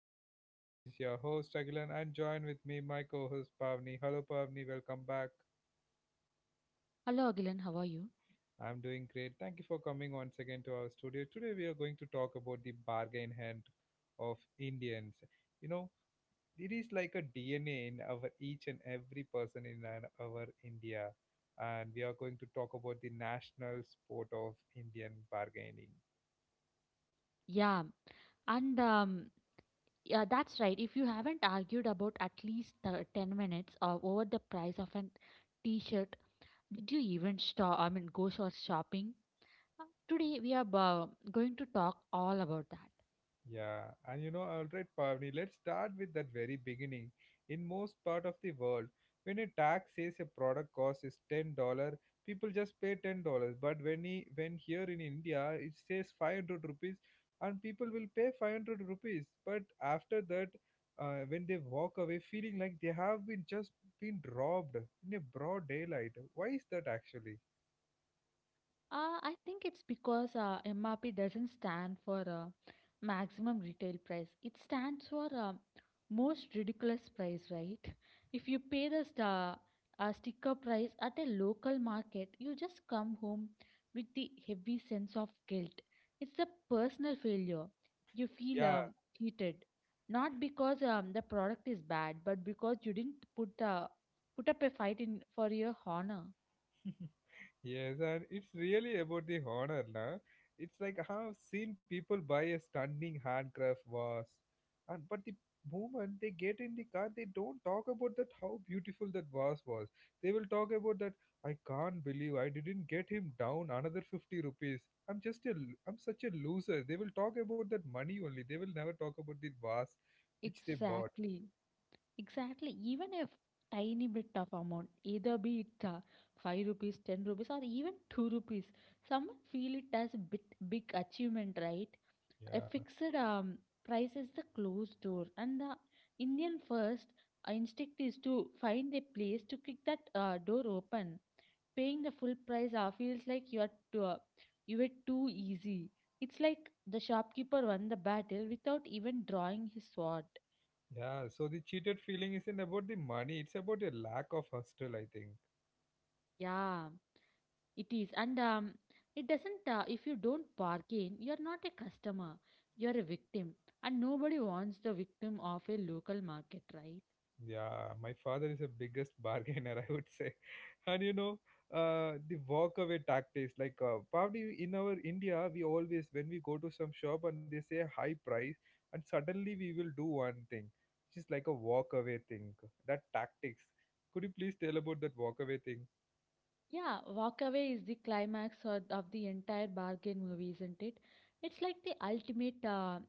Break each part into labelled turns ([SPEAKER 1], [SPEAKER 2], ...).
[SPEAKER 1] podcast. This is your host Agilan and join with me my co-host Pavni. Hello Pavni, welcome back.
[SPEAKER 2] Hello, Agilan. How are you?
[SPEAKER 1] I'm doing great. Thank you for coming once again to our studio. Today we are going to talk about the bargain hand of Indians. You know, it is like a DNA in our each and every person in our India, and we are going to talk about the national sport of Indian bargaining.
[SPEAKER 2] Yeah, and um, yeah, that's right. If you haven't argued about at least the 10 minutes over the price of an t-shirt, did you even stop? I mean, go shopping? Today we are going to talk all about that.
[SPEAKER 1] Yeah, and you know, all right, Pavni, let's start with that very beginning. In most part of the world, when a tax says a product cost is $10, people just pay $10. But when he, when here in India it says 500 rupees, and people will pay 500 rupees. But after that, when they walk away feeling like they have been just been robbed in a broad daylight, why is that actually?
[SPEAKER 2] I think it's because MRP doesn't stand for maximum retail price. It stands for most ridiculous price, right? If you pay the sticker price at a local market, you just come home with the heavy sense of guilt. It's a personal failure. You feel
[SPEAKER 1] Yeah.
[SPEAKER 2] cheated, not because the product is bad, but because you didn't put up a fight in for your honor.
[SPEAKER 1] Yes, and it's really about the honor, na? It's like I have seen people buy a stunning handcraft vase, and but the moment they get in the car, they don't talk about that how beautiful that vase was. They will talk about that I can't believe I didn't get him down another 50 rupees. I'm just I'm such a loser. They will talk about that money only. They will never talk about the vase which they bought.
[SPEAKER 2] Exactly. Exactly. Even if tiny bit of amount, either be it 5 rupees, 10 rupees, or even 2 rupees, someone feel it as a bit big achievement, right? A
[SPEAKER 1] Yeah.
[SPEAKER 2] fixed price is the closed door, and the Indian first instinct is to find a place to kick that door open. Paying the full price feels like you were too easy. It's like the shopkeeper won the battle without even drawing his sword.
[SPEAKER 1] Yeah, so the cheated feeling isn't about the money, it's about a lack of hustle, I think.
[SPEAKER 2] Yeah. It is, and it doesn't. If you don't bargain, you're not a customer. You're a victim, and nobody wants the victim of a local market, right?
[SPEAKER 1] Yeah, my father is the biggest bargainer, I would say. And you know, the walk away tactics, like probably in our India, we always, when we go to some shop and they say high price, and suddenly we will do one thing, which is like a walk away thing. That tactics. Could you please tell about that walk away thing?
[SPEAKER 2] Yeah, walk away is the climax of the entire bargain movie, isn't it? It's like the ultimate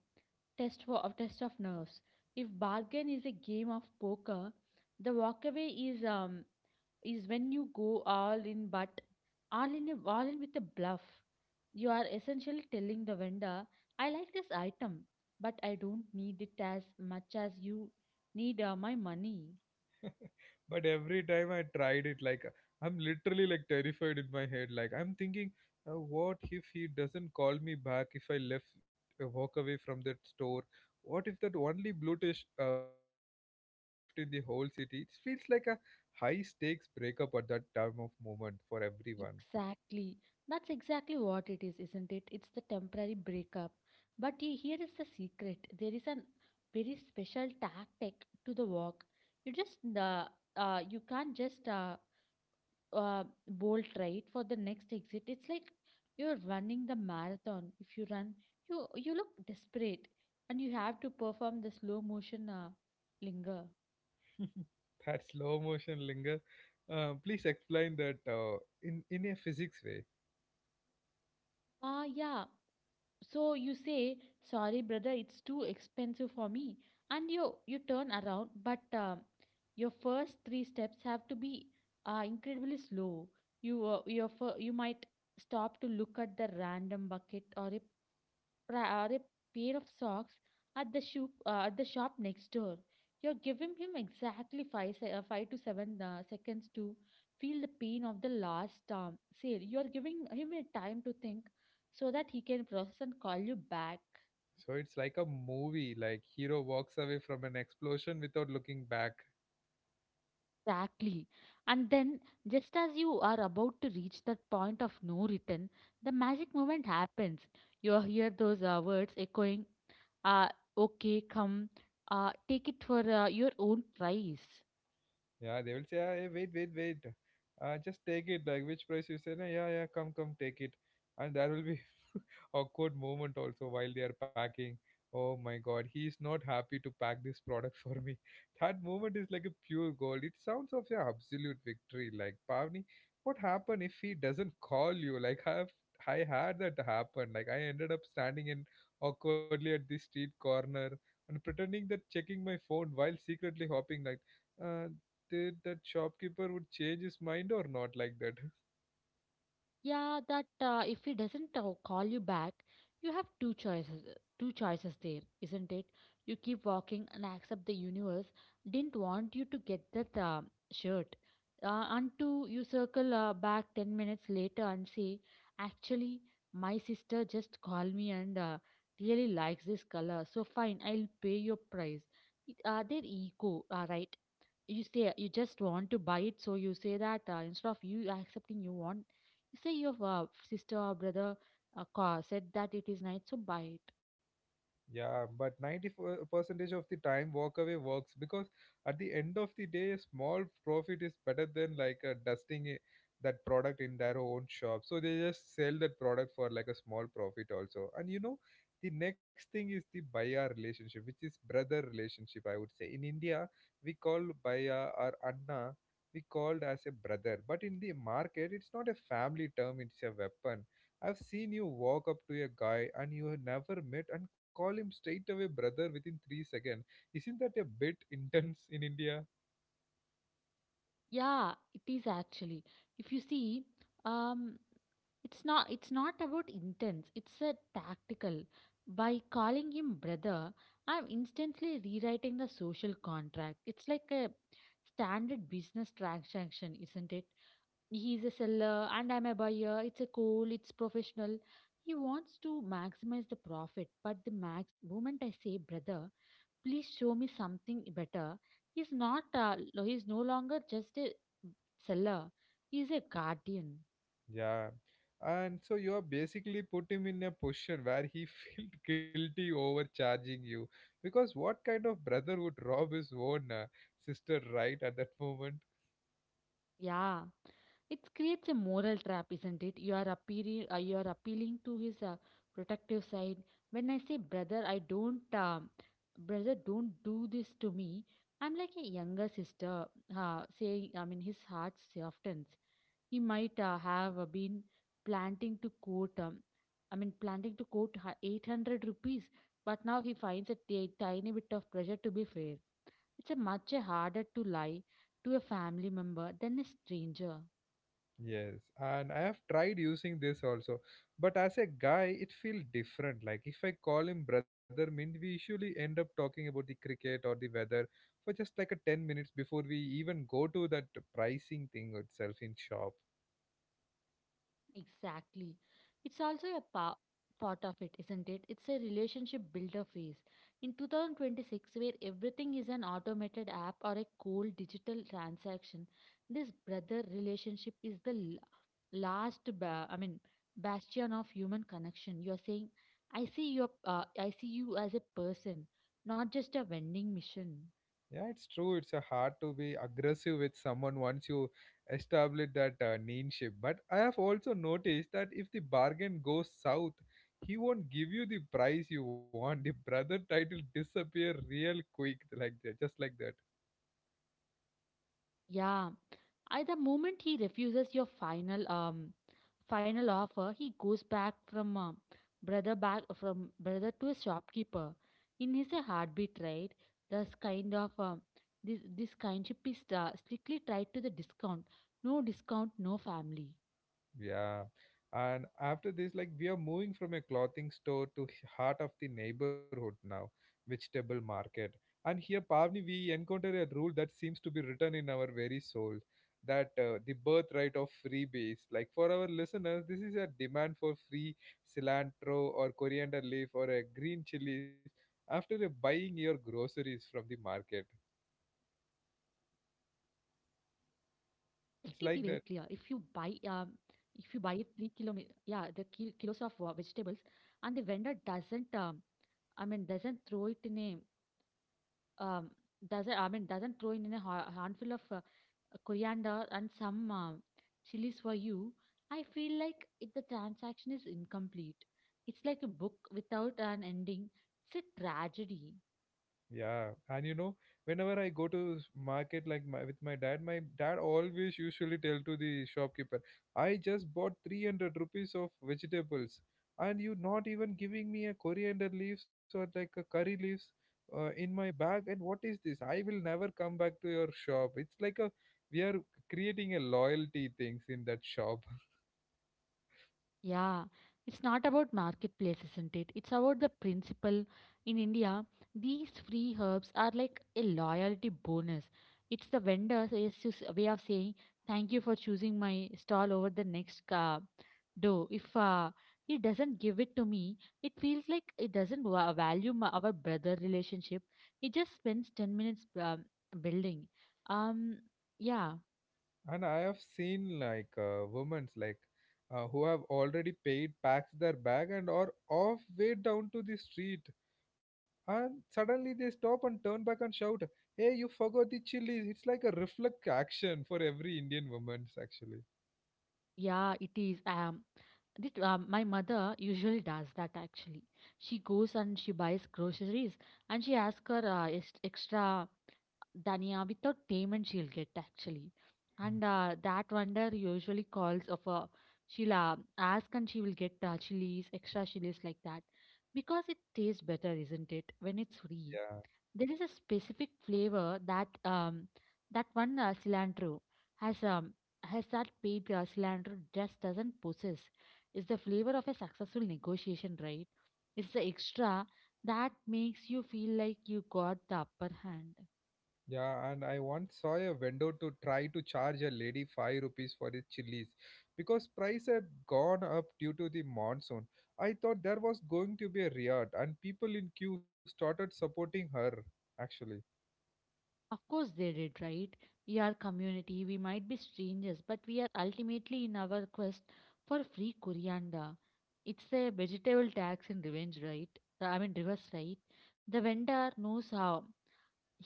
[SPEAKER 2] test of nerves. If bargain is a game of poker, the walk away is when you go all in with a bluff. You are essentially telling the vendor, I like this item, but I don't need it as much as you need my money.
[SPEAKER 1] But every time I tried it, like I'm literally like terrified in my head, like I'm thinking, what if he doesn't call me back if I left, walk away from that store? What if that only blue shirt left in the whole city? It feels like a high stakes breakup at that time of moment for everyone.
[SPEAKER 2] Exactly. That's exactly what it is, isn't it? It's the temporary breakup. But here is the secret: there is a very special tactic to the walk. You just uh, you can't just bolt right for the next exit. It's like you're running the marathon. If you run, you look desperate, and you have to perform the slow motion linger.
[SPEAKER 1] That slow motion linger, please explain that in a physics way.
[SPEAKER 2] Ah, yeah. So you say, sorry brother, it's too expensive for me, and you turn around, but your first three steps have to be incredibly slow. You you might stop to look at the random bucket or a pair of socks at the shop next door. You're giving him exactly five to seven seconds to feel the pain of the last sale. You're giving him a time to think so that he can process and call you back.
[SPEAKER 1] So it's like a movie like hero walks away from an explosion without looking back.
[SPEAKER 2] Exactly. And then, just as you are about to reach that point of no return, the magic moment happens. You hear those words echoing, uh, okay, come, take it for your own price.
[SPEAKER 1] Yeah, they will say, "Ah, hey, wait, wait, wait. Just take it. Like, which price you say? Nah, yeah, yeah, come, come, take it." And there will be awkward moment also while they are packing. Oh my god, he is not happy to pack this product for me. That moment is like a pure gold. It sounds of your absolute victory. Like Pavni, what happened if he doesn't call you? Like I had that happen. Like I ended up standing in awkwardly at this street corner and pretending that checking my phone while secretly hoping like, uh, did that shopkeeper would change his mind or not, like that.
[SPEAKER 2] Yeah, that if he doesn't call you back, you have two choices. Two choices there, isn't it? You keep walking and accept the universe didn't want you to get that shirt. Until you circle back 10 minutes later and say, actually, my sister just called me and really likes this color, so fine, I'll pay your price. Their ego, right? You say you just want to buy it, so you say that instead of you accepting. You want, you say your sister or brother said that it is nice, so buy it.
[SPEAKER 1] Yeah, but 90% of the time walk away works because at the end of the day, small profit is better than like dusting it, that product in their own shop. So they just sell that product for like a small profit also. And you know, the next thing is the buyer relationship, which is brother relationship, I would say. In India, we call buyer or Anna, we called as a brother. But in the market, it's not a family term, it's a weapon. I've seen you walk up to a guy and you have never met and call him straight away brother within 3 seconds. Isn't that a bit intense in India?
[SPEAKER 2] Yeah, it is actually. If you see, um it's not, it's not about intents, it's a tactical. By calling him brother, I'm instantly rewriting the social contract. It's like a standard business transaction, isn't it? He's a seller and I'm a buyer. It's a cool, it's professional. He wants to maximize the profit, but the max moment I say, brother, please show me something better. He's not, he's no longer just a seller, he's a guardian.
[SPEAKER 1] Yeah. And so you are basically put him in a position where he felt guilty overcharging you. Because what kind of brother would rob his own sister right at that moment?
[SPEAKER 2] Yeah, it creates a moral trap, isn't it? You are appealing to his protective side. When I say, brother, I don't, brother, don't do this to me. I'm like a younger sister, saying, I mean, his heart softens. He might have been planting to quote planting to quote 800 rupees, but now he finds a tiny bit of pressure to be fair. It's a much harder to lie to a family member than a stranger.
[SPEAKER 1] Yes, and I have tried using this also, but as a guy, it feels different. Like if I call him brother, mean we usually end up talking about the cricket or the weather for just like a 10 minutes before we even go to that pricing thing itself in shop.
[SPEAKER 2] Exactly. It's also a part of it, isn't it? It's a relationship builder phase. In 2026, where everything is an automated app or a cold digital transaction, this brother relationship is the last, bastion of human connection. You're saying, I see you as a person, not just a vending machine.
[SPEAKER 1] Yeah, it's true. It's a hard to be aggressive with someone once you establish that ninship. But I have also noticed that if the bargain goes south, he won't give you the price you want. The brother title disappear real quick, like that, just like that.
[SPEAKER 2] Yeah, at the moment he refuses your final offer, he goes back from brother to a shopkeeper. In his heartbeat, right? This kind of this kindship is strictly tied to the discount. No discount, no family.
[SPEAKER 1] Yeah. And after this, like we are moving from a clothing store to heart of the neighborhood now, vegetable market. And here, Pavni, we encounter a rule that seems to be written in our very soul, that the birthright of freebies. Like for our listeners, this is a demand for free cilantro or coriander leaf or a green chilies after buying your groceries
[SPEAKER 2] Exactly.
[SPEAKER 1] from the market.
[SPEAKER 2] Um, let me be very clear.
[SPEAKER 1] It's
[SPEAKER 2] If
[SPEAKER 1] like
[SPEAKER 2] you
[SPEAKER 1] that.
[SPEAKER 2] buy a 3 kilo, kilos of vegetables, and the vendor doesn't I mean, doesn't throw it in a um, doesn't I mean doesn't throw in a handful of coriander and some chilies for you. I feel like if the transaction is incomplete, it's like a book without an ending. It's a tragedy.
[SPEAKER 1] Yeah, and you know, whenever I go to market like my, with my dad always usually tell to the shopkeeper, I just bought 300 rupees of vegetables and you not even giving me a coriander leaves or like a curry leaves in my bag, and what is this? I will never come back to your shop. It's like a we are creating a loyalty things in that shop.
[SPEAKER 2] Yeah, it's not about marketplace, isn't it? It's about the principle. In India, these free herbs are like a loyalty bonus. It's the vendor's, it's just a way of saying thank you for choosing my stall over the next door. If he doesn't give it to me, it feels like it doesn't value my, our brother relationship. He just spends 10 minutes building. Um, yeah.
[SPEAKER 1] And I have seen like women's like, who have already paid, packs their bag and are off way down to the street. And suddenly they stop and turn back and shout, "Hey, you forgot the chilies!" It's like a reflex action for every Indian woman's actually.
[SPEAKER 2] Yeah, it is. My mother usually does that actually. She goes and she buys groceries and she asks her extra dhania without payment she'll get actually. And that vendor usually calls of a, she'll ask and she will get extra chilies like that because it tastes better, isn't it? When it's
[SPEAKER 1] Yeah.
[SPEAKER 2] free, there is a specific flavor that one cilantro has um has that paid cilantro just doesn't possess. It's the flavor of a successful negotiation, right? It's the extra that makes you feel like you got the upper hand.
[SPEAKER 1] Yeah, and I once saw a vendor to try to charge a lady 5 rupees for his chilies because price had gone up due to the monsoon. I thought there was going to be a riot, and people in queue started supporting her. Actually,
[SPEAKER 2] Of course they did, right? We are community. We might be strangers, but we are ultimately in our quest for free coriander. It's a vegetable tax in revenge, right? I mean reverse, right? The vendor knows how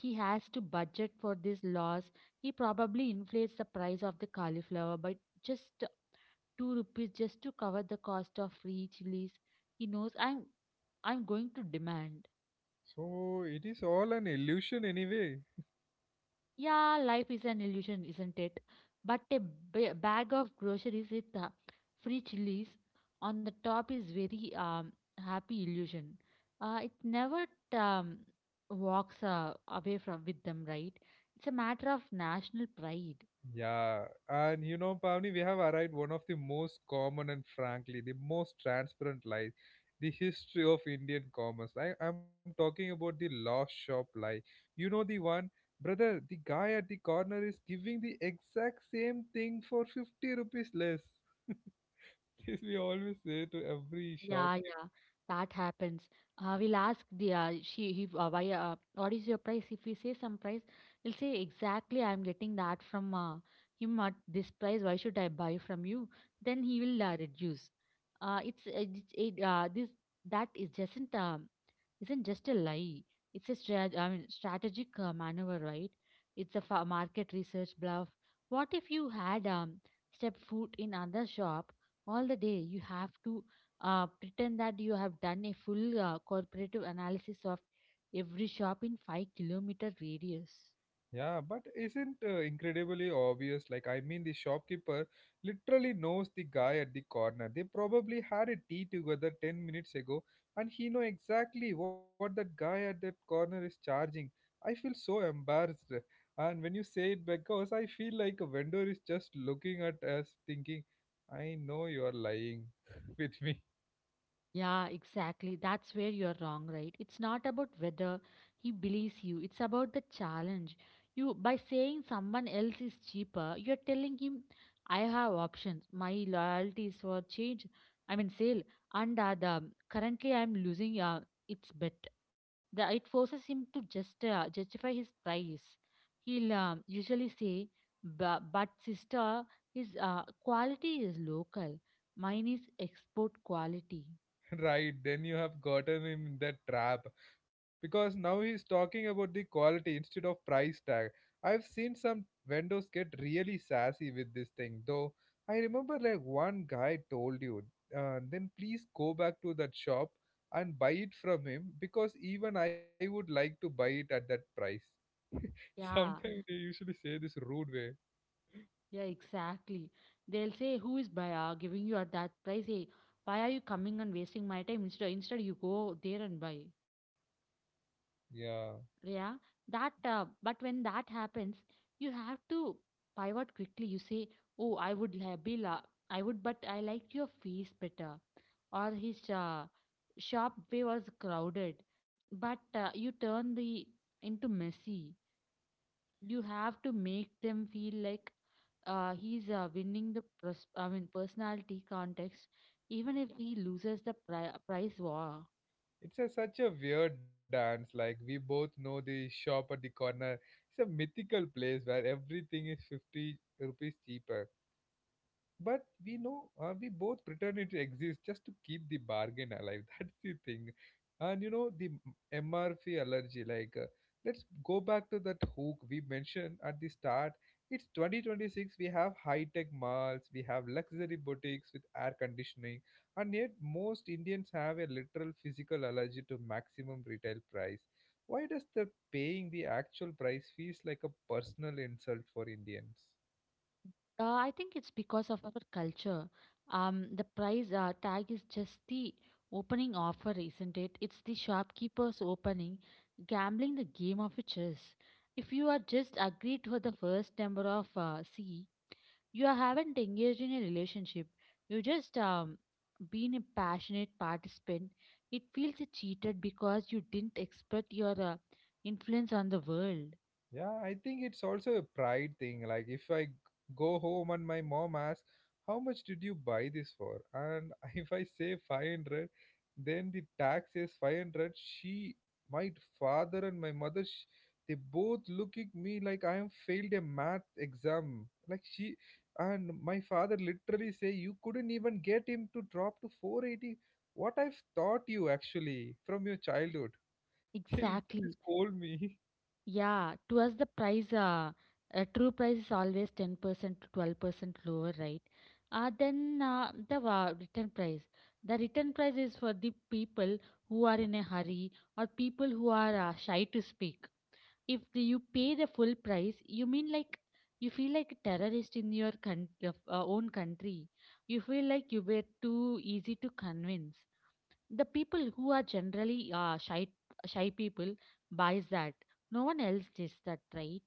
[SPEAKER 2] he has to budget for this loss. He probably inflates the price of the cauliflower by just two rupees just to cover the cost of free chilies. He knows I'm going to demand.
[SPEAKER 1] so it is all an illusion anyway.
[SPEAKER 2] Yeah, life is an illusion, isn't it? But a bag of groceries with free chilies on the top is very happy illusion. It never um, walks away from with them, right? It's a matter of national pride.
[SPEAKER 1] Yeah, and you know, Pavni, we have arrived one of the most common and frankly the most transparent lies, the history of Indian commerce. I'm talking about the lost shop lie. You know the one, brother, the guy at the corner is giving the exact same thing for 50 rupees less. This we always say to every shop.
[SPEAKER 2] Yeah, yeah, that happens. We'll ask the she he why what is your price? If we say some price, he'll say exactly I'm getting that from him at this price. Why should I buy from you? Then he will reduce. It's it, it this that is just isn't just a lie. It's a strategic maneuver, right? It's a market research bluff. What if you had stepped foot in another shop all the day? You have to pretend that you have done a full corporative analysis of every shop in 5-kilometer radius.
[SPEAKER 1] Yeah, but isn't incredibly obvious? Like, I mean, the shopkeeper literally knows the guy at the corner. They probably had a tea together 10 minutes ago, and he know exactly what that guy at that corner is charging. I feel so embarrassed. And when you say it, because I feel like a vendor is just looking at us thinking, I know you're lying with me.
[SPEAKER 2] Yeah, exactly. That's where you're wrong, right? It's not about whether he believes you, it's about the challenge. You, by saying someone else is cheaper, you're telling him I have options. My loyalty is for change. I mean sale. And the currently I'm losing its bet. It forces him to just justify his price. He'll usually say, But sister, his quality is local. Mine is export quality."
[SPEAKER 1] Right, then you have gotten him in that trap because now he's talking about the quality instead of price tag. I've seen some vendors get really sassy with this thing, though. I remember like one guy told you, then please go back to that shop and buy it from him because even I would like to buy it at that price.
[SPEAKER 2] Yeah,
[SPEAKER 1] Sometimes they usually say this rude way.
[SPEAKER 2] yeah, exactly. They'll say, "Who is buyer giving you at that price? Hey, why are you coming and wasting my time? Instead you go there and buy."
[SPEAKER 1] Yeah.
[SPEAKER 2] Yeah, that. But when that happens, you have to pivot quickly. You say, "Oh, I would la- be la- I would, but I liked your face better, or his shop way was crowded." But you turn the into messy. You have to make them feel like he's winning the personality contest, even if he loses the prize war.
[SPEAKER 1] It's a, such a weird dance. Like we both know the shop at the corner. It's a mythical place where everything is 50 rupees cheaper, but we know we both pretend it exists just to keep the bargain alive. That's the thing. And you know the MRP allergy, like let's go back to that hook we mentioned at the start. It's 2026, we have high-tech malls, we have luxury boutiques with air conditioning, and yet most Indians have a literal physical allergy to maximum retail price. Why does the paying the actual price feels like a personal insult for Indians?
[SPEAKER 2] I think it's because of our culture. The prize tag is just the opening offer, isn't it? It's the shopkeeper's opening, gambling the game of a chess. If you are just agreed for the first number of C, you haven't engaged in a relationship, you just been a passionate participant. It feels cheated because you didn't expect your influence on the world.
[SPEAKER 1] Yeah, I think it's also a pride thing. Like if go home and my mom asks, "How much did you buy this for?" and if I say 500, then the tax is 500. My father and my mother, sh they both look at me like I am failed a math exam. Like she and my father literally say, "You couldn't even get him to drop to 480. What I've taught you actually from your childhood." They literally
[SPEAKER 2] Exactly.
[SPEAKER 1] scold me.
[SPEAKER 2] Yeah, to us the price true price is always 10% to 12% lower, right? The written price, the written price is for the people who are in a hurry, or people who are shy to speak. If the- You pay the full price, you mean like you feel like a terrorist in your own country. You feel like you were too easy to convince. The people who are generally shy people buys that. No one else does that, right?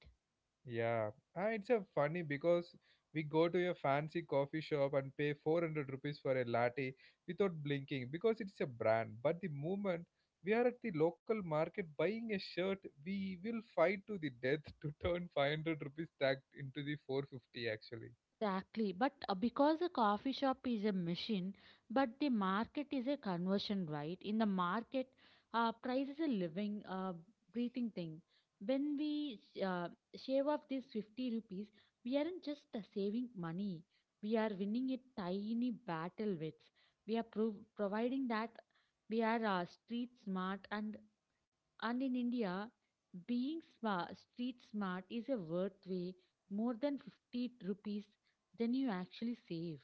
[SPEAKER 1] Yeah, ah, it's a funny because we go to a fancy coffee shop and pay 400 rupees for a latte without blinking because it's a brand. But the moment we are at the local market buying a shirt, we will fight to the death to turn 500 rupees tagged into the 450 actually.
[SPEAKER 2] Exactly. But because a coffee shop is a machine, but the market is a conversion, right? In the market, price is a living, breathing thing. When we shave off these 50 rupees, we aren't just saving money. We are winning a tiny battle with. We are providing that we are street smart, and in India, being street smart is a worth way more than 50 rupees than you actually save.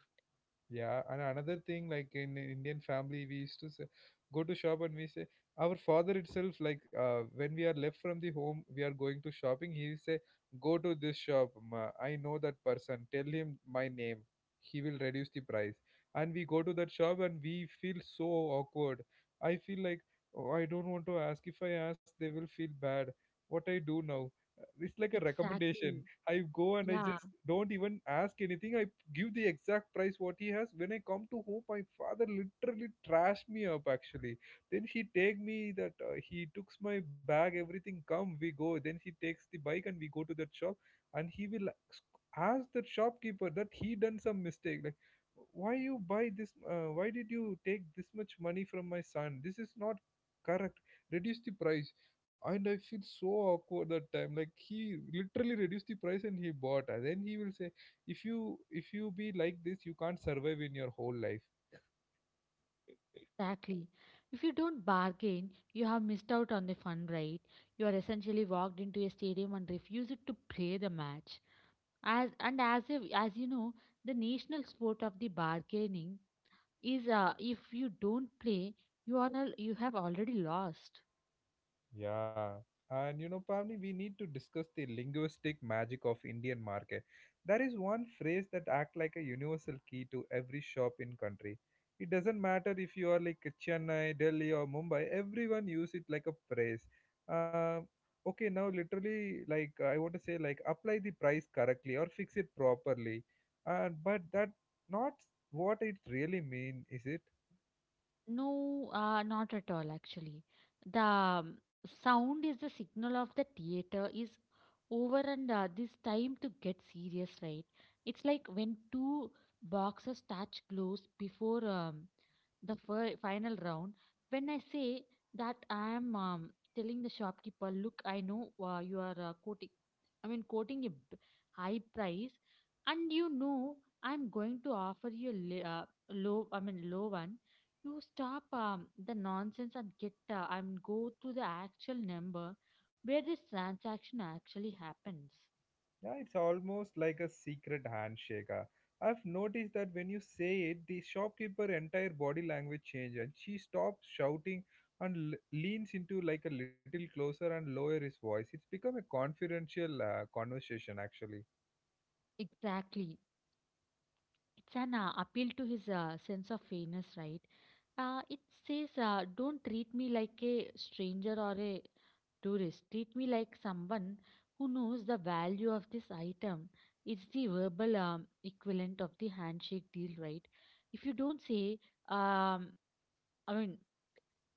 [SPEAKER 1] Yeah, and another thing, like in an Indian family, we used to say, go to shop and we say, our father itself, like when we are left from the home, we are going to shopping. He will say, go to this shop. Ma. I know that person. Tell him my name. He will reduce the price. And we go to that shop and we feel so awkward. I feel like oh, I don't want to ask. If I ask, they will feel bad. What I do now? It's like a recommendation.
[SPEAKER 2] Exactly.
[SPEAKER 1] I go and I
[SPEAKER 2] Yeah,
[SPEAKER 1] just don't even ask anything. I give the exact price what he has. When I come to home, my father literally trashed me up actually. Then he take me that he took my bag, everything. Come, we go. Then he takes the bike and we go to that shop, and he will ask that shopkeeper that he done some mistake. Like, why you buy this? Why did you take this much money from my son? This is not correct. Reduce the price and I feel so awkward that time. Like he literally reduced the price and he bought. And then he will say, if you be like this, you can't survive in your whole life.
[SPEAKER 2] exactly. If you don't bargain, you have missed out on the fun, right? You are essentially walked into a stadium and refused to play the match. As and as if, as you know, the national sport of the bargaining is, if you don't play, you are you have already lost.
[SPEAKER 1] Yeah, and you know, Pavni, we need to discuss the linguistic magic of Indian market. There is one phrase that act like a universal key to every shop in country. It doesn't matter if you are like Chennai, Delhi, or Mumbai. Everyone use it like a phrase. Um, okay, now literally, like I want to say, like apply the price correctly or fix it properly. And but that not what it really mean, is it?
[SPEAKER 2] No, not at all, actually. The sound is the signal of the theater is over, and this time to get serious, right? It's like when two boxers touch gloves before the fir final round. When I say that I am telling the shopkeeper, look, I know you are quoting a high price, and you know I'm going to offer you a low, I mean, low one. You stop the nonsense and get and go to the actual number where this transaction actually happens.
[SPEAKER 1] Yeah, it's almost like a secret handshake. Ah. I've noticed that when you say it, the shopkeeper entire body language change and she stops shouting and leans into like a little closer and lower his voice. It's become a confidential conversation actually.
[SPEAKER 2] Exactly. It's an appeal to his sense of fairness, right? It says, don't treat me like a stranger or a tourist. Treat me like someone who knows the value of this item. It's the verbal equivalent of the handshake deal, right? If you don't say, um, I mean,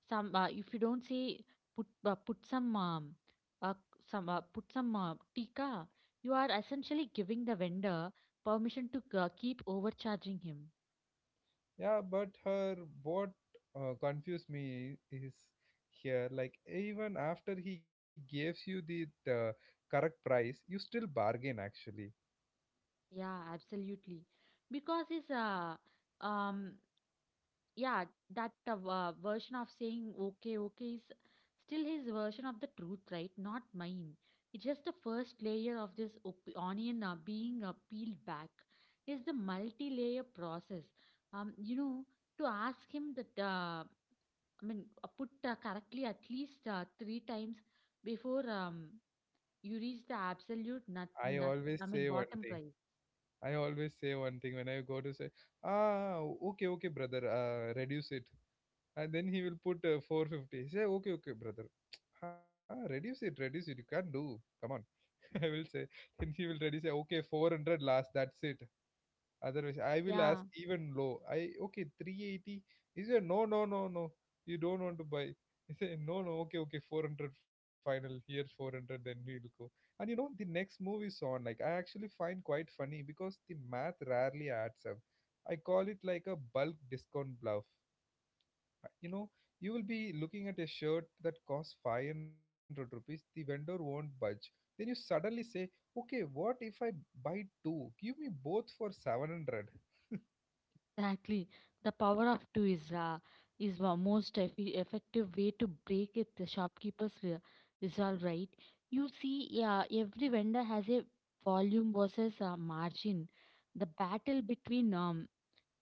[SPEAKER 2] Some if you don't say put some uh, put some tikka, you are essentially giving the vendor permission to keep overcharging him.
[SPEAKER 1] Yeah, but her what confused me is here like even after he gives you the correct price, you still bargain actually.
[SPEAKER 2] Yeah, absolutely, because um Yeah, that version of saying okay, okay is still his version of the truth, right? Not mine. It's just the first layer of this onion being peeled back. Is the multi-layer process. You know, to ask him that put correctly at least three times before you reach the absolute nut,
[SPEAKER 1] I
[SPEAKER 2] nut
[SPEAKER 1] always
[SPEAKER 2] I
[SPEAKER 1] say
[SPEAKER 2] mean
[SPEAKER 1] one
[SPEAKER 2] bottom
[SPEAKER 1] thing.
[SPEAKER 2] price.
[SPEAKER 1] I always say one thing when I go to say, ah, okay, okay, brother, reduce it. And then he will put 450. He say, okay, okay, brother, huh, reduce it. You can't do. Come on. I will say, then he will ready say, okay, 400 last. That's it. Otherwise, I will ask
[SPEAKER 2] Yeah.
[SPEAKER 1] even low. I okay, 380. He said, no, no, no, no. You don't want to buy. He said, no, no, okay, okay, 400 final. Here's 400, then we'll go. And you know, the next move is on. Like, I actually find quite funny because the math rarely adds up. I call it like a bulk discount bluff. You know, you will be looking at a shirt that costs 500 rupees, the vendor won't budge. Then you suddenly say, okay, what if I buy two? Give me both for 700.
[SPEAKER 2] Exactly. The power of two is the most effective way to break it. The shopkeeper's resolve, right? You see, yeah, every vendor has a volume versus a margin. The battle between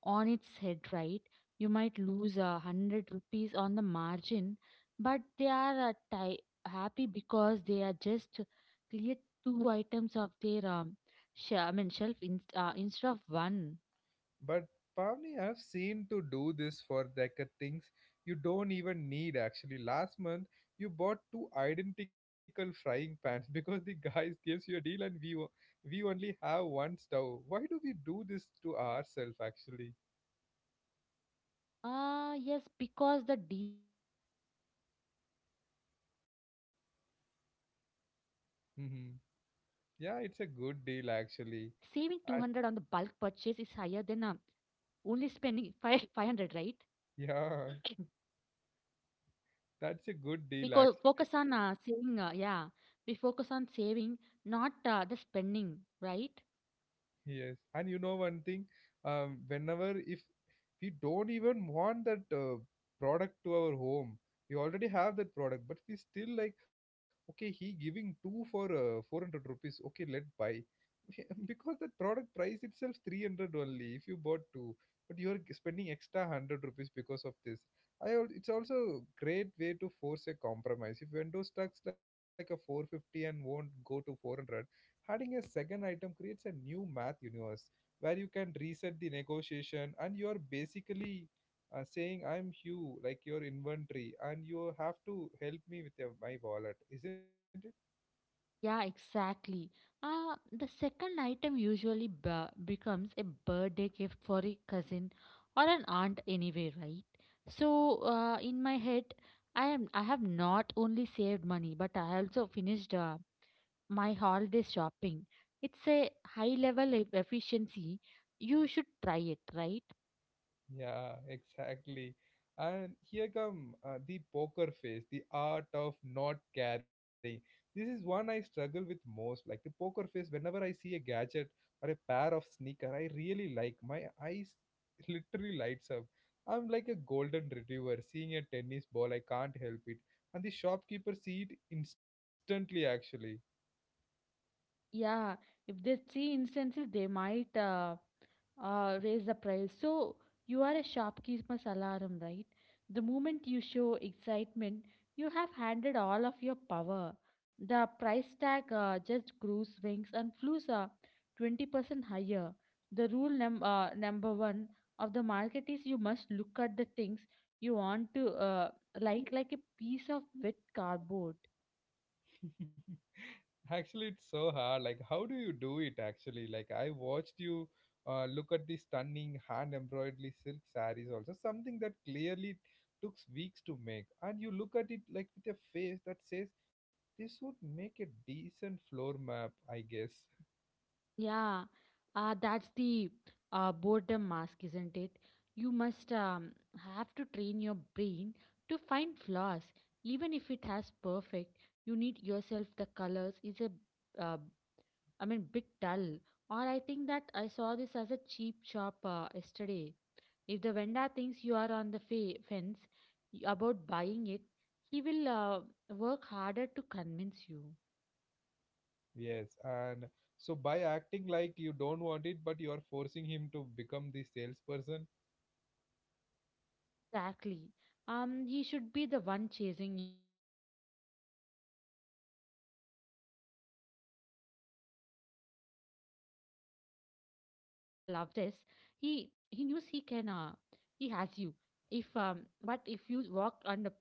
[SPEAKER 2] on its head, right? You might lose a hundred rupees on the margin, but they are happy because they are just clear two items of their shelf instead of one.
[SPEAKER 1] But Pavni, I've seen to do this for like things you don't even need actually. Last month you bought two identical frying pans because the guys gives you a deal and we only have one stove. Why do we do this to ourselves actually?
[SPEAKER 2] Ah, yes, because the deal was too good to pass. In my mind, of an Indian bargaining,
[SPEAKER 1] Mm-hmm.
[SPEAKER 2] saving 200
[SPEAKER 1] Yeah,
[SPEAKER 2] on the
[SPEAKER 1] it's a
[SPEAKER 2] bulk
[SPEAKER 1] good deal
[SPEAKER 2] purchase is
[SPEAKER 1] actually.
[SPEAKER 2] higher than
[SPEAKER 1] And
[SPEAKER 2] only spending five 500, right?
[SPEAKER 1] yeah, that's
[SPEAKER 2] We
[SPEAKER 1] a
[SPEAKER 2] co
[SPEAKER 1] good deal
[SPEAKER 2] focus on
[SPEAKER 1] actually.
[SPEAKER 2] we focus on saving, not the spending, right?
[SPEAKER 1] Yes, and you know one thing, whenever if we don't even want that product to our home, we already have that product, but we still like, okay, he giving two for 400 rupees. Okay, let buy. Because that product price itself 300 only if you bought two, but you're spending extra 100 rupees because of this. It's also great way to force a compromise if window stocks like a 450 and won't go to 400. Adding a second item creates a new math universe where you can reset the negotiation and you are basically saying I'm hugh like your inventory and you have to help me with your, my wallet, isn't it?
[SPEAKER 2] Yeah, exactly. The second item usually becomes a birthday gift for a cousin or an aunt anyway, right? So, in my head, I have not only saved money, but I also finished my holiday shopping. It's a high level efficiency. You should try it, right?
[SPEAKER 1] Yeah, exactly. And here come the poker face, the art of not caring. This is one I struggle with most. Like the poker face, whenever I see a gadget or a pair of sneaker I really like, my eyes literally lights up. I'm like a golden retriever seeing a tennis ball. I can't help it, and the shopkeeper see it instantly. Actually.
[SPEAKER 2] Yeah, if they see instances, they might. Raise the price. So you are a shopkeeper's alarm, right? The moment you show excitement, you have handed all of your power. The price tag just grew, swings, and flews 20% higher. The rule number one of the market is you must look at the things you want to like a piece of wet cardboard.
[SPEAKER 1] Actually, it's so hard. Like, how do you do it? Actually, like I watched you look at the stunning hand embroidery silk sarees, also something that clearly took weeks to make, and you look at it like with a face that says, "This would make a decent floor map, I guess."
[SPEAKER 2] Yeah, that's the boredom mask, isn't it? You must have to train your brain to find flaws, even if it has perfect. You need yourself the colors is a, uh, bit dull. Or I think that I saw this as a cheap shop yesterday. If the vendor thinks you are on the fence about buying it, he will work harder to convince you.
[SPEAKER 1] Yes, and so by acting like you don't want it, but you are forcing him to become the salesperson,
[SPEAKER 2] Exactly. He should be the one chasing you, right? Not the other way around. If you walk up and say, "I love this," he he knows he can he has you. If But if you walk and pick up the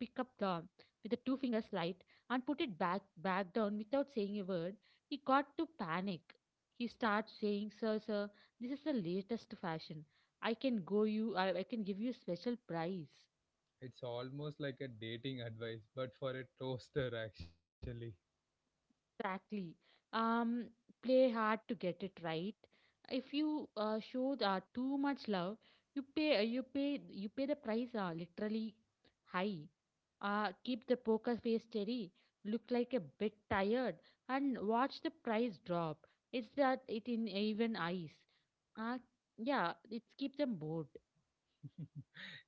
[SPEAKER 2] with the two fingers light and put it back down without saying a word, he got to panic. He starts saying, "Sir, sir, this is the latest fashion. I can go you. I can give you special price."
[SPEAKER 1] it's almost like a dating advice, but for a toaster, actually.
[SPEAKER 2] Exactly. Um, Play hard to get it right. If you show too much love, you pay you pay you pay the price literally high. Keep the poker face steady, look like a bit tired, and watch the price drop. It's that it in even eyes. Uh, yeah, it's keep them bored.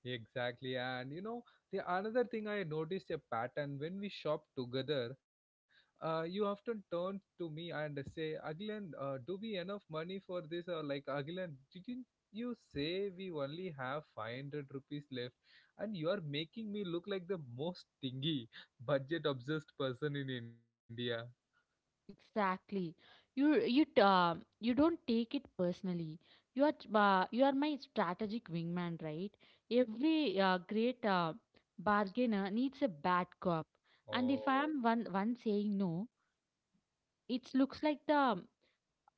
[SPEAKER 1] Exactly, and you know the another thing I noticed a pattern when we shop together. You often turn to me and say, "Aglan, do we enough money for this?" Or like, "Aglan, didn't you say we only have 500 rupees left?" And you are making me look like the most stingy, budget-obsessed person in India.
[SPEAKER 2] Exactly. You you t- uh, you don't take it personally. You are my strategic wingman, right? Every great bargainer needs a bad cop, and if I
[SPEAKER 1] Oh.
[SPEAKER 2] am one saying no, it looks like the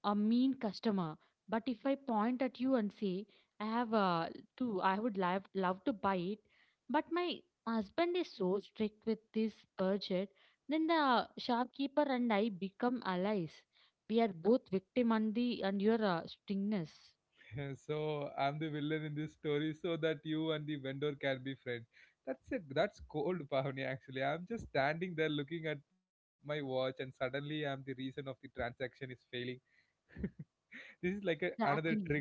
[SPEAKER 2] a mean customer. But if I point at you and say, I have I would love to buy it, but my husband is so strict with this budget, then the shopkeeper and I become allies. We are both victim and the and your stringness.
[SPEAKER 1] So I'm the villain in this story so that you and the vendor can be friends. That's it. That's cold, Pavni, actually. I'm just standing there looking at my watch and suddenly I'm the reason of the transaction is failing. This is like a, another
[SPEAKER 2] Exactly.
[SPEAKER 1] trick.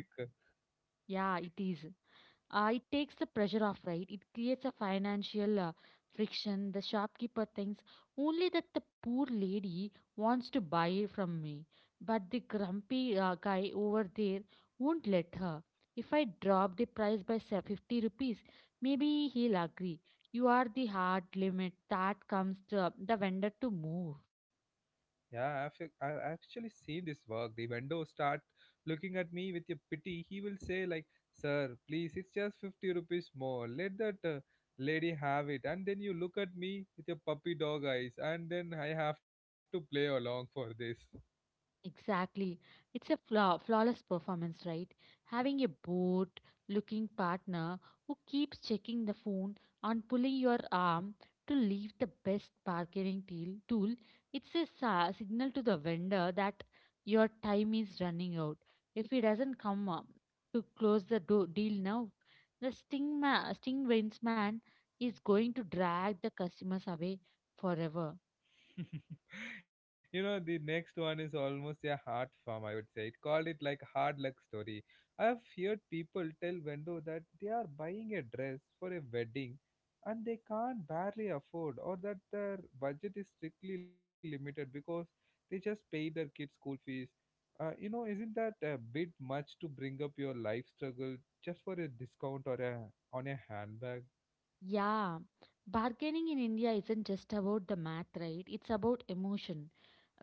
[SPEAKER 2] Yeah, it is. It takes the pressure off, right? It creates a financial friction. The shopkeeper thinks only that the poor lady wants to buy from me, but the grumpy guy over there won't let her. If I drop the price by say, 50 rupees, maybe he'll agree. You are the hard limit that comes to the vendor to move.
[SPEAKER 1] Yeah, I've actually seen this work. The vendor start looking at me with a pity. He will say like, "Sir, please, it's just 50 rupees more. Let that lady have it." And then you look at me with your puppy dog eyes, and then I have to play along for this.
[SPEAKER 2] Exactly. It's a flawless performance, right? Having a bored looking partner who keeps checking the phone and pulling your arm to leave the best bargaining deal tool, it's a signal to the vendor that your time is running out. If he doesn't come up to close the deal now, the sting wins man is going to drag the customers away forever.
[SPEAKER 1] You know the next one is almost a heart farm, I would say. It called it like hard luck story. I have heard people tell vendor that they are buying a dress for a wedding and they can't barely afford or that their budget is strictly limited because they just pay their kids school fees. You know, isn't that a bit much to bring up your life struggle just for a discount or a on a handbag?
[SPEAKER 2] Yeah, bargaining in India isn't just about the math, right? It's about emotion.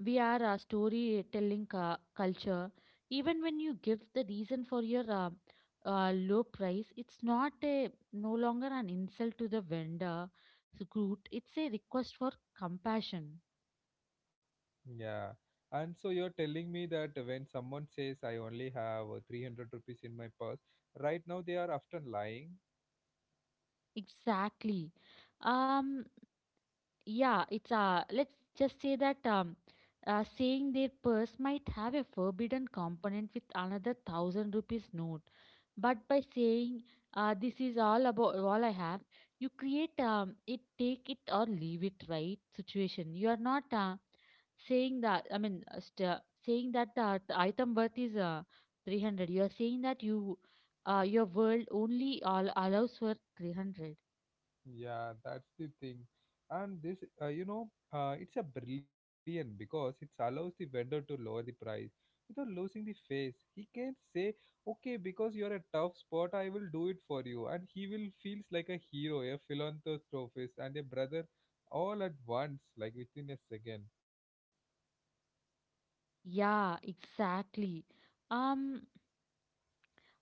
[SPEAKER 2] We are a storytelling culture. Even when you give the reason for your low price, it's not a no longer an insult to the vendor, it's a good. It's a request for compassion.
[SPEAKER 1] Yeah. And so you're telling me that when someone says I only have 300 rupees in my purse, right now they are often lying.
[SPEAKER 2] Exactly. Um. Yeah. It's. Let's just say that saying their purse might have a forbidden component with another thousand rupees note, but by saying, this is all about all I have, you create it take it or leave it right situation. You are not saying that I mean st- saying that the item worth is 300, you are saying that you your world only all allows for 300.
[SPEAKER 1] Yeah, that's the thing. And it's a brilliant because it allows the vendor to lower the price without losing the face. He can say, okay, because you're a tough spot, I will do it for you. And he will feels like a hero, a philanthropist and a brother all at once, like within a second.
[SPEAKER 2] Yeah, exactly. um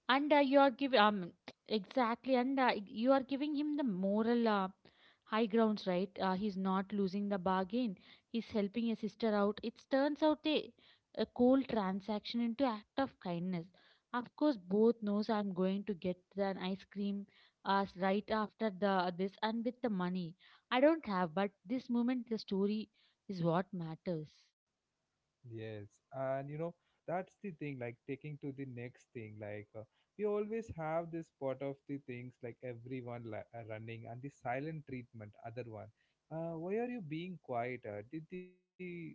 [SPEAKER 2] And you are giving exactly, and you are giving him the moral high grounds, right? He's not losing the bargain. He's helping a sister out. It turns out a cold transaction into act of kindness. Of course, both knows I'm going to get an ice cream right after the this and with the money I don't have, but this moment the story is what matters.
[SPEAKER 1] Yes, and you know, that's the thing, like taking to the next thing. Like, we always have this part of the things, like everyone running and the silent treatment, other one. Why are you being quiet? Did the,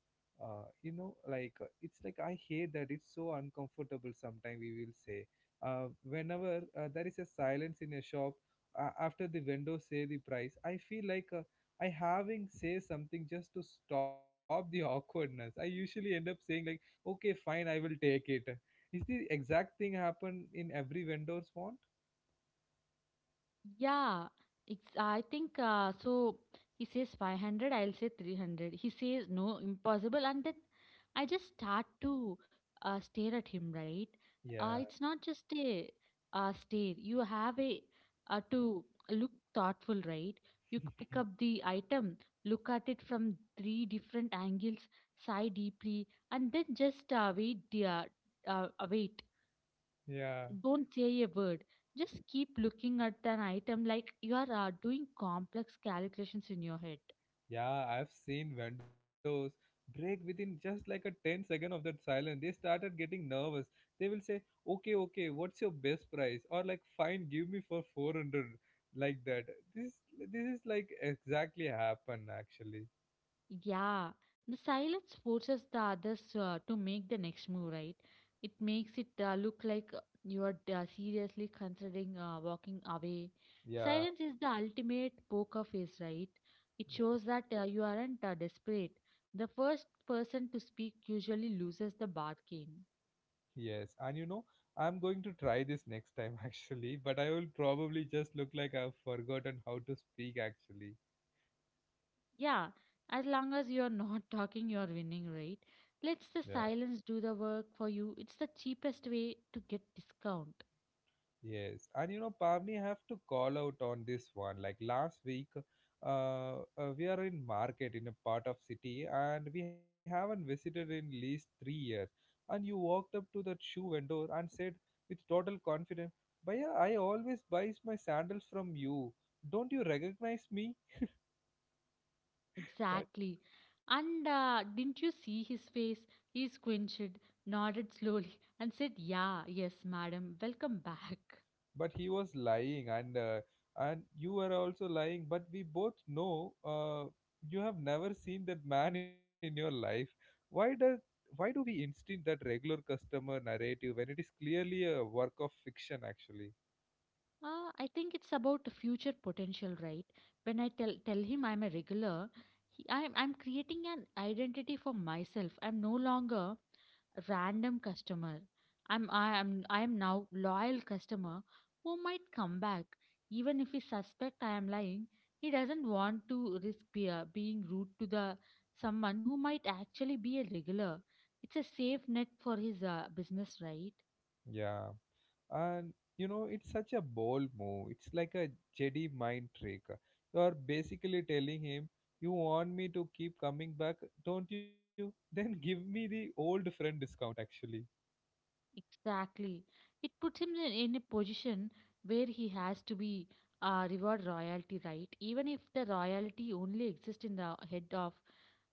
[SPEAKER 1] you know, like, It's like I hate that it's so uncomfortable sometimes, we will say. Whenever there is a silence in a shop, after the window say the price, I feel like. I having say something just to stop the awkwardness. I usually end up saying like, okay, fine, I will take it. Is the exact thing happen in every vendor's want?
[SPEAKER 2] Yeah, it's, I think so. He says 500, I'll say 300. He says no, impossible. And then I just start to stare at him, right?
[SPEAKER 1] Yeah,
[SPEAKER 2] It's not just a stare. You have a to look thoughtful, right? Pick up the item, look at it from three different angles, sigh deeply, and then just wait, dear, wait.
[SPEAKER 1] yeah,
[SPEAKER 2] Don't say a word. Just keep looking at an item like you are doing complex calculations in your head.
[SPEAKER 1] yeah. I've seen vendors break within just like a 10 second of that silence. They started getting nervous. They will say, okay, okay, what's your best price? Or like, fine, give me for 400 like that. This this is like exactly happen actually.
[SPEAKER 2] Yeah, the silence forces the others to make the next move, right? It makes it look like you are seriously considering walking away.
[SPEAKER 1] Yeah.
[SPEAKER 2] Silence is the ultimate poker face, right? It
[SPEAKER 1] Yeah.
[SPEAKER 2] shows that you aren't desperate. The first person to speak usually loses the bar game.
[SPEAKER 1] Yes, and you know, I'm going to try this next time actually, but I will probably just look like I've forgotten how to speak actually.
[SPEAKER 2] Yeah, as long as you're not talking, you're winning, right?
[SPEAKER 1] Yeah.
[SPEAKER 2] Let's the silence do the work for you. It's the cheapest way to get discount.
[SPEAKER 1] Yes, and you know, Pavni, I have to call out on this one. Like last week, we are in market in a part of city, and we haven't visited in least 3 years. And you walked up to that shoe vendor and said with total confidence, "Bhaiya, I always buys my sandals from you. Don't you recognize me?"
[SPEAKER 2] Exactly. And didn't you see his face? He squinched, nodded slowly, and said, Yeah, yes, madam, welcome back.
[SPEAKER 1] But he was lying and you were also lying, but we both know you have never seen that man in your life. Why does why do we instinct that regular customer narrative when it is clearly a work of fiction actually?
[SPEAKER 2] I think it's about the future potential, right? When tell him I'm a regular, I'm creating an identity for myself. I'm no longer random customer. I am now loyal customer who might come back, even if he suspect I am lying. He doesn't want to risk being rude to the someone who might actually be a regular. It's a safe net for his business, right?
[SPEAKER 1] Yeah, and you know it's such a bold move. It's like a jedi mind trick. You are basically telling him, you want me to keep coming back, don't you? Then give me the old friend discount actually.
[SPEAKER 2] Exactly. It puts him in a position where he has to be reward royalty, right? Even if the royalty only exists in the head of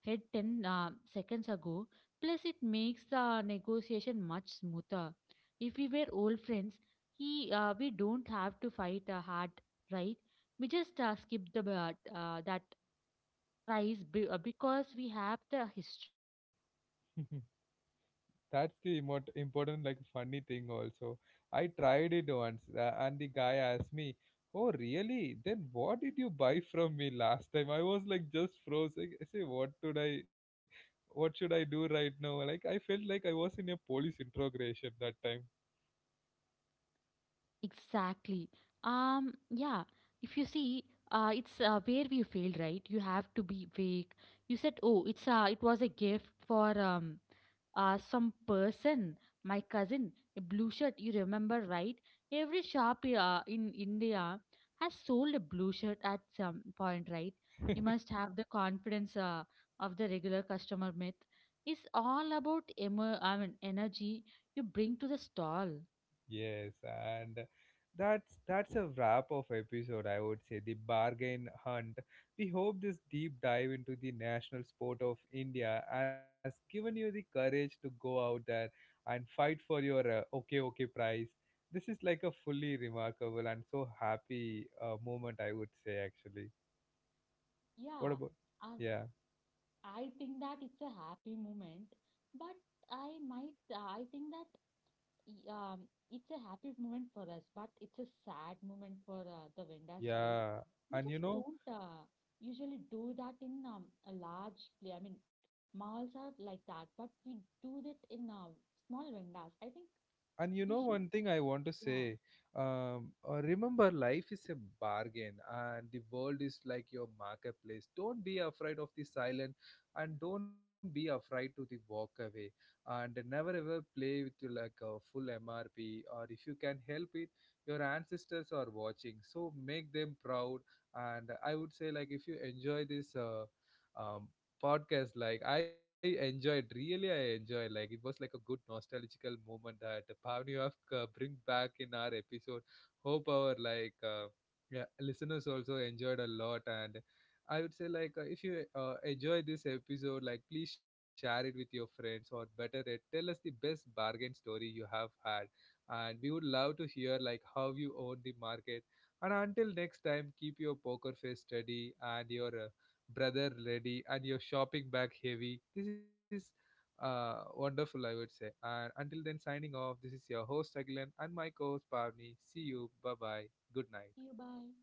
[SPEAKER 2] head 10 seconds ago. Plus, it makes the negotiation much smoother. If we were old friends, we don't have to fight hard, right? We just skip the that price because we have the history.
[SPEAKER 1] That's the most important,
[SPEAKER 2] What
[SPEAKER 1] like,
[SPEAKER 2] do you
[SPEAKER 1] funny
[SPEAKER 2] think?
[SPEAKER 1] thing also. I tried it once, and the guy asked me, "Oh, really? Then what did you buy from me last time?" I was like just froze. Like, I say, what should I do right now?" Like, I felt like I was in a police interrogation that time.
[SPEAKER 2] Exactly. Yeah. If you see, it's where we failed, right? You have to be vague. You said, "Oh, it's it was a gift for some person, my cousin, a blue shirt. You remember, right? Every shop in India has sold a blue shirt at some point, right? You must have the confidence of the regular customer myth. It's all about energy you bring to the stall.
[SPEAKER 1] Yes, and that's a wrap of episode, I would say, the bargain hunt. We hope this deep dive into the national sport of India has given you the courage to go out there and fight for your okay okay prize. This is like a fully remarkable and so happy moment, I would say, actually. What
[SPEAKER 2] Yeah,
[SPEAKER 1] about?
[SPEAKER 2] and
[SPEAKER 1] Yeah,
[SPEAKER 2] I think that it's a happy moment, but I think that it's a happy moment for us, but it's a sad moment for the vendors, right?
[SPEAKER 1] yeah,
[SPEAKER 2] We
[SPEAKER 1] and you
[SPEAKER 2] just
[SPEAKER 1] know.
[SPEAKER 2] don't usually do that in a large play. I mean, malls are like that, but we do that in small vendors. I think
[SPEAKER 1] And you know
[SPEAKER 2] we should,
[SPEAKER 1] one thing I want to
[SPEAKER 2] yeah.
[SPEAKER 1] say, remember life is a bargain and the world is like your marketplace. Don't be afraid of the silent and don't be afraid to the walk away, and never ever play with the, like a full MRP or if you can help it. Your ancestors are watching, so make them proud. And I would say, like if you enjoy this um, podcast like I enjoyed really. I enjoyed, like it was like a good nostalgical moment that Pavniov bring back in our episode. Hope our like yeah, listeners also enjoyed a lot. And I would say like if you enjoy this episode, like please share it with your friends or better yet tell us the best bargain story you have had, and we would love to hear like how you own the market. And until next time, keep your poker face steady and your brother ready and your shopping bag heavy. This is wonderful, I would say. And until then, signing off. This is your host Agilan and my co-host Pavni. See you. Bye bye. Good
[SPEAKER 2] See
[SPEAKER 1] night.
[SPEAKER 2] you, bye.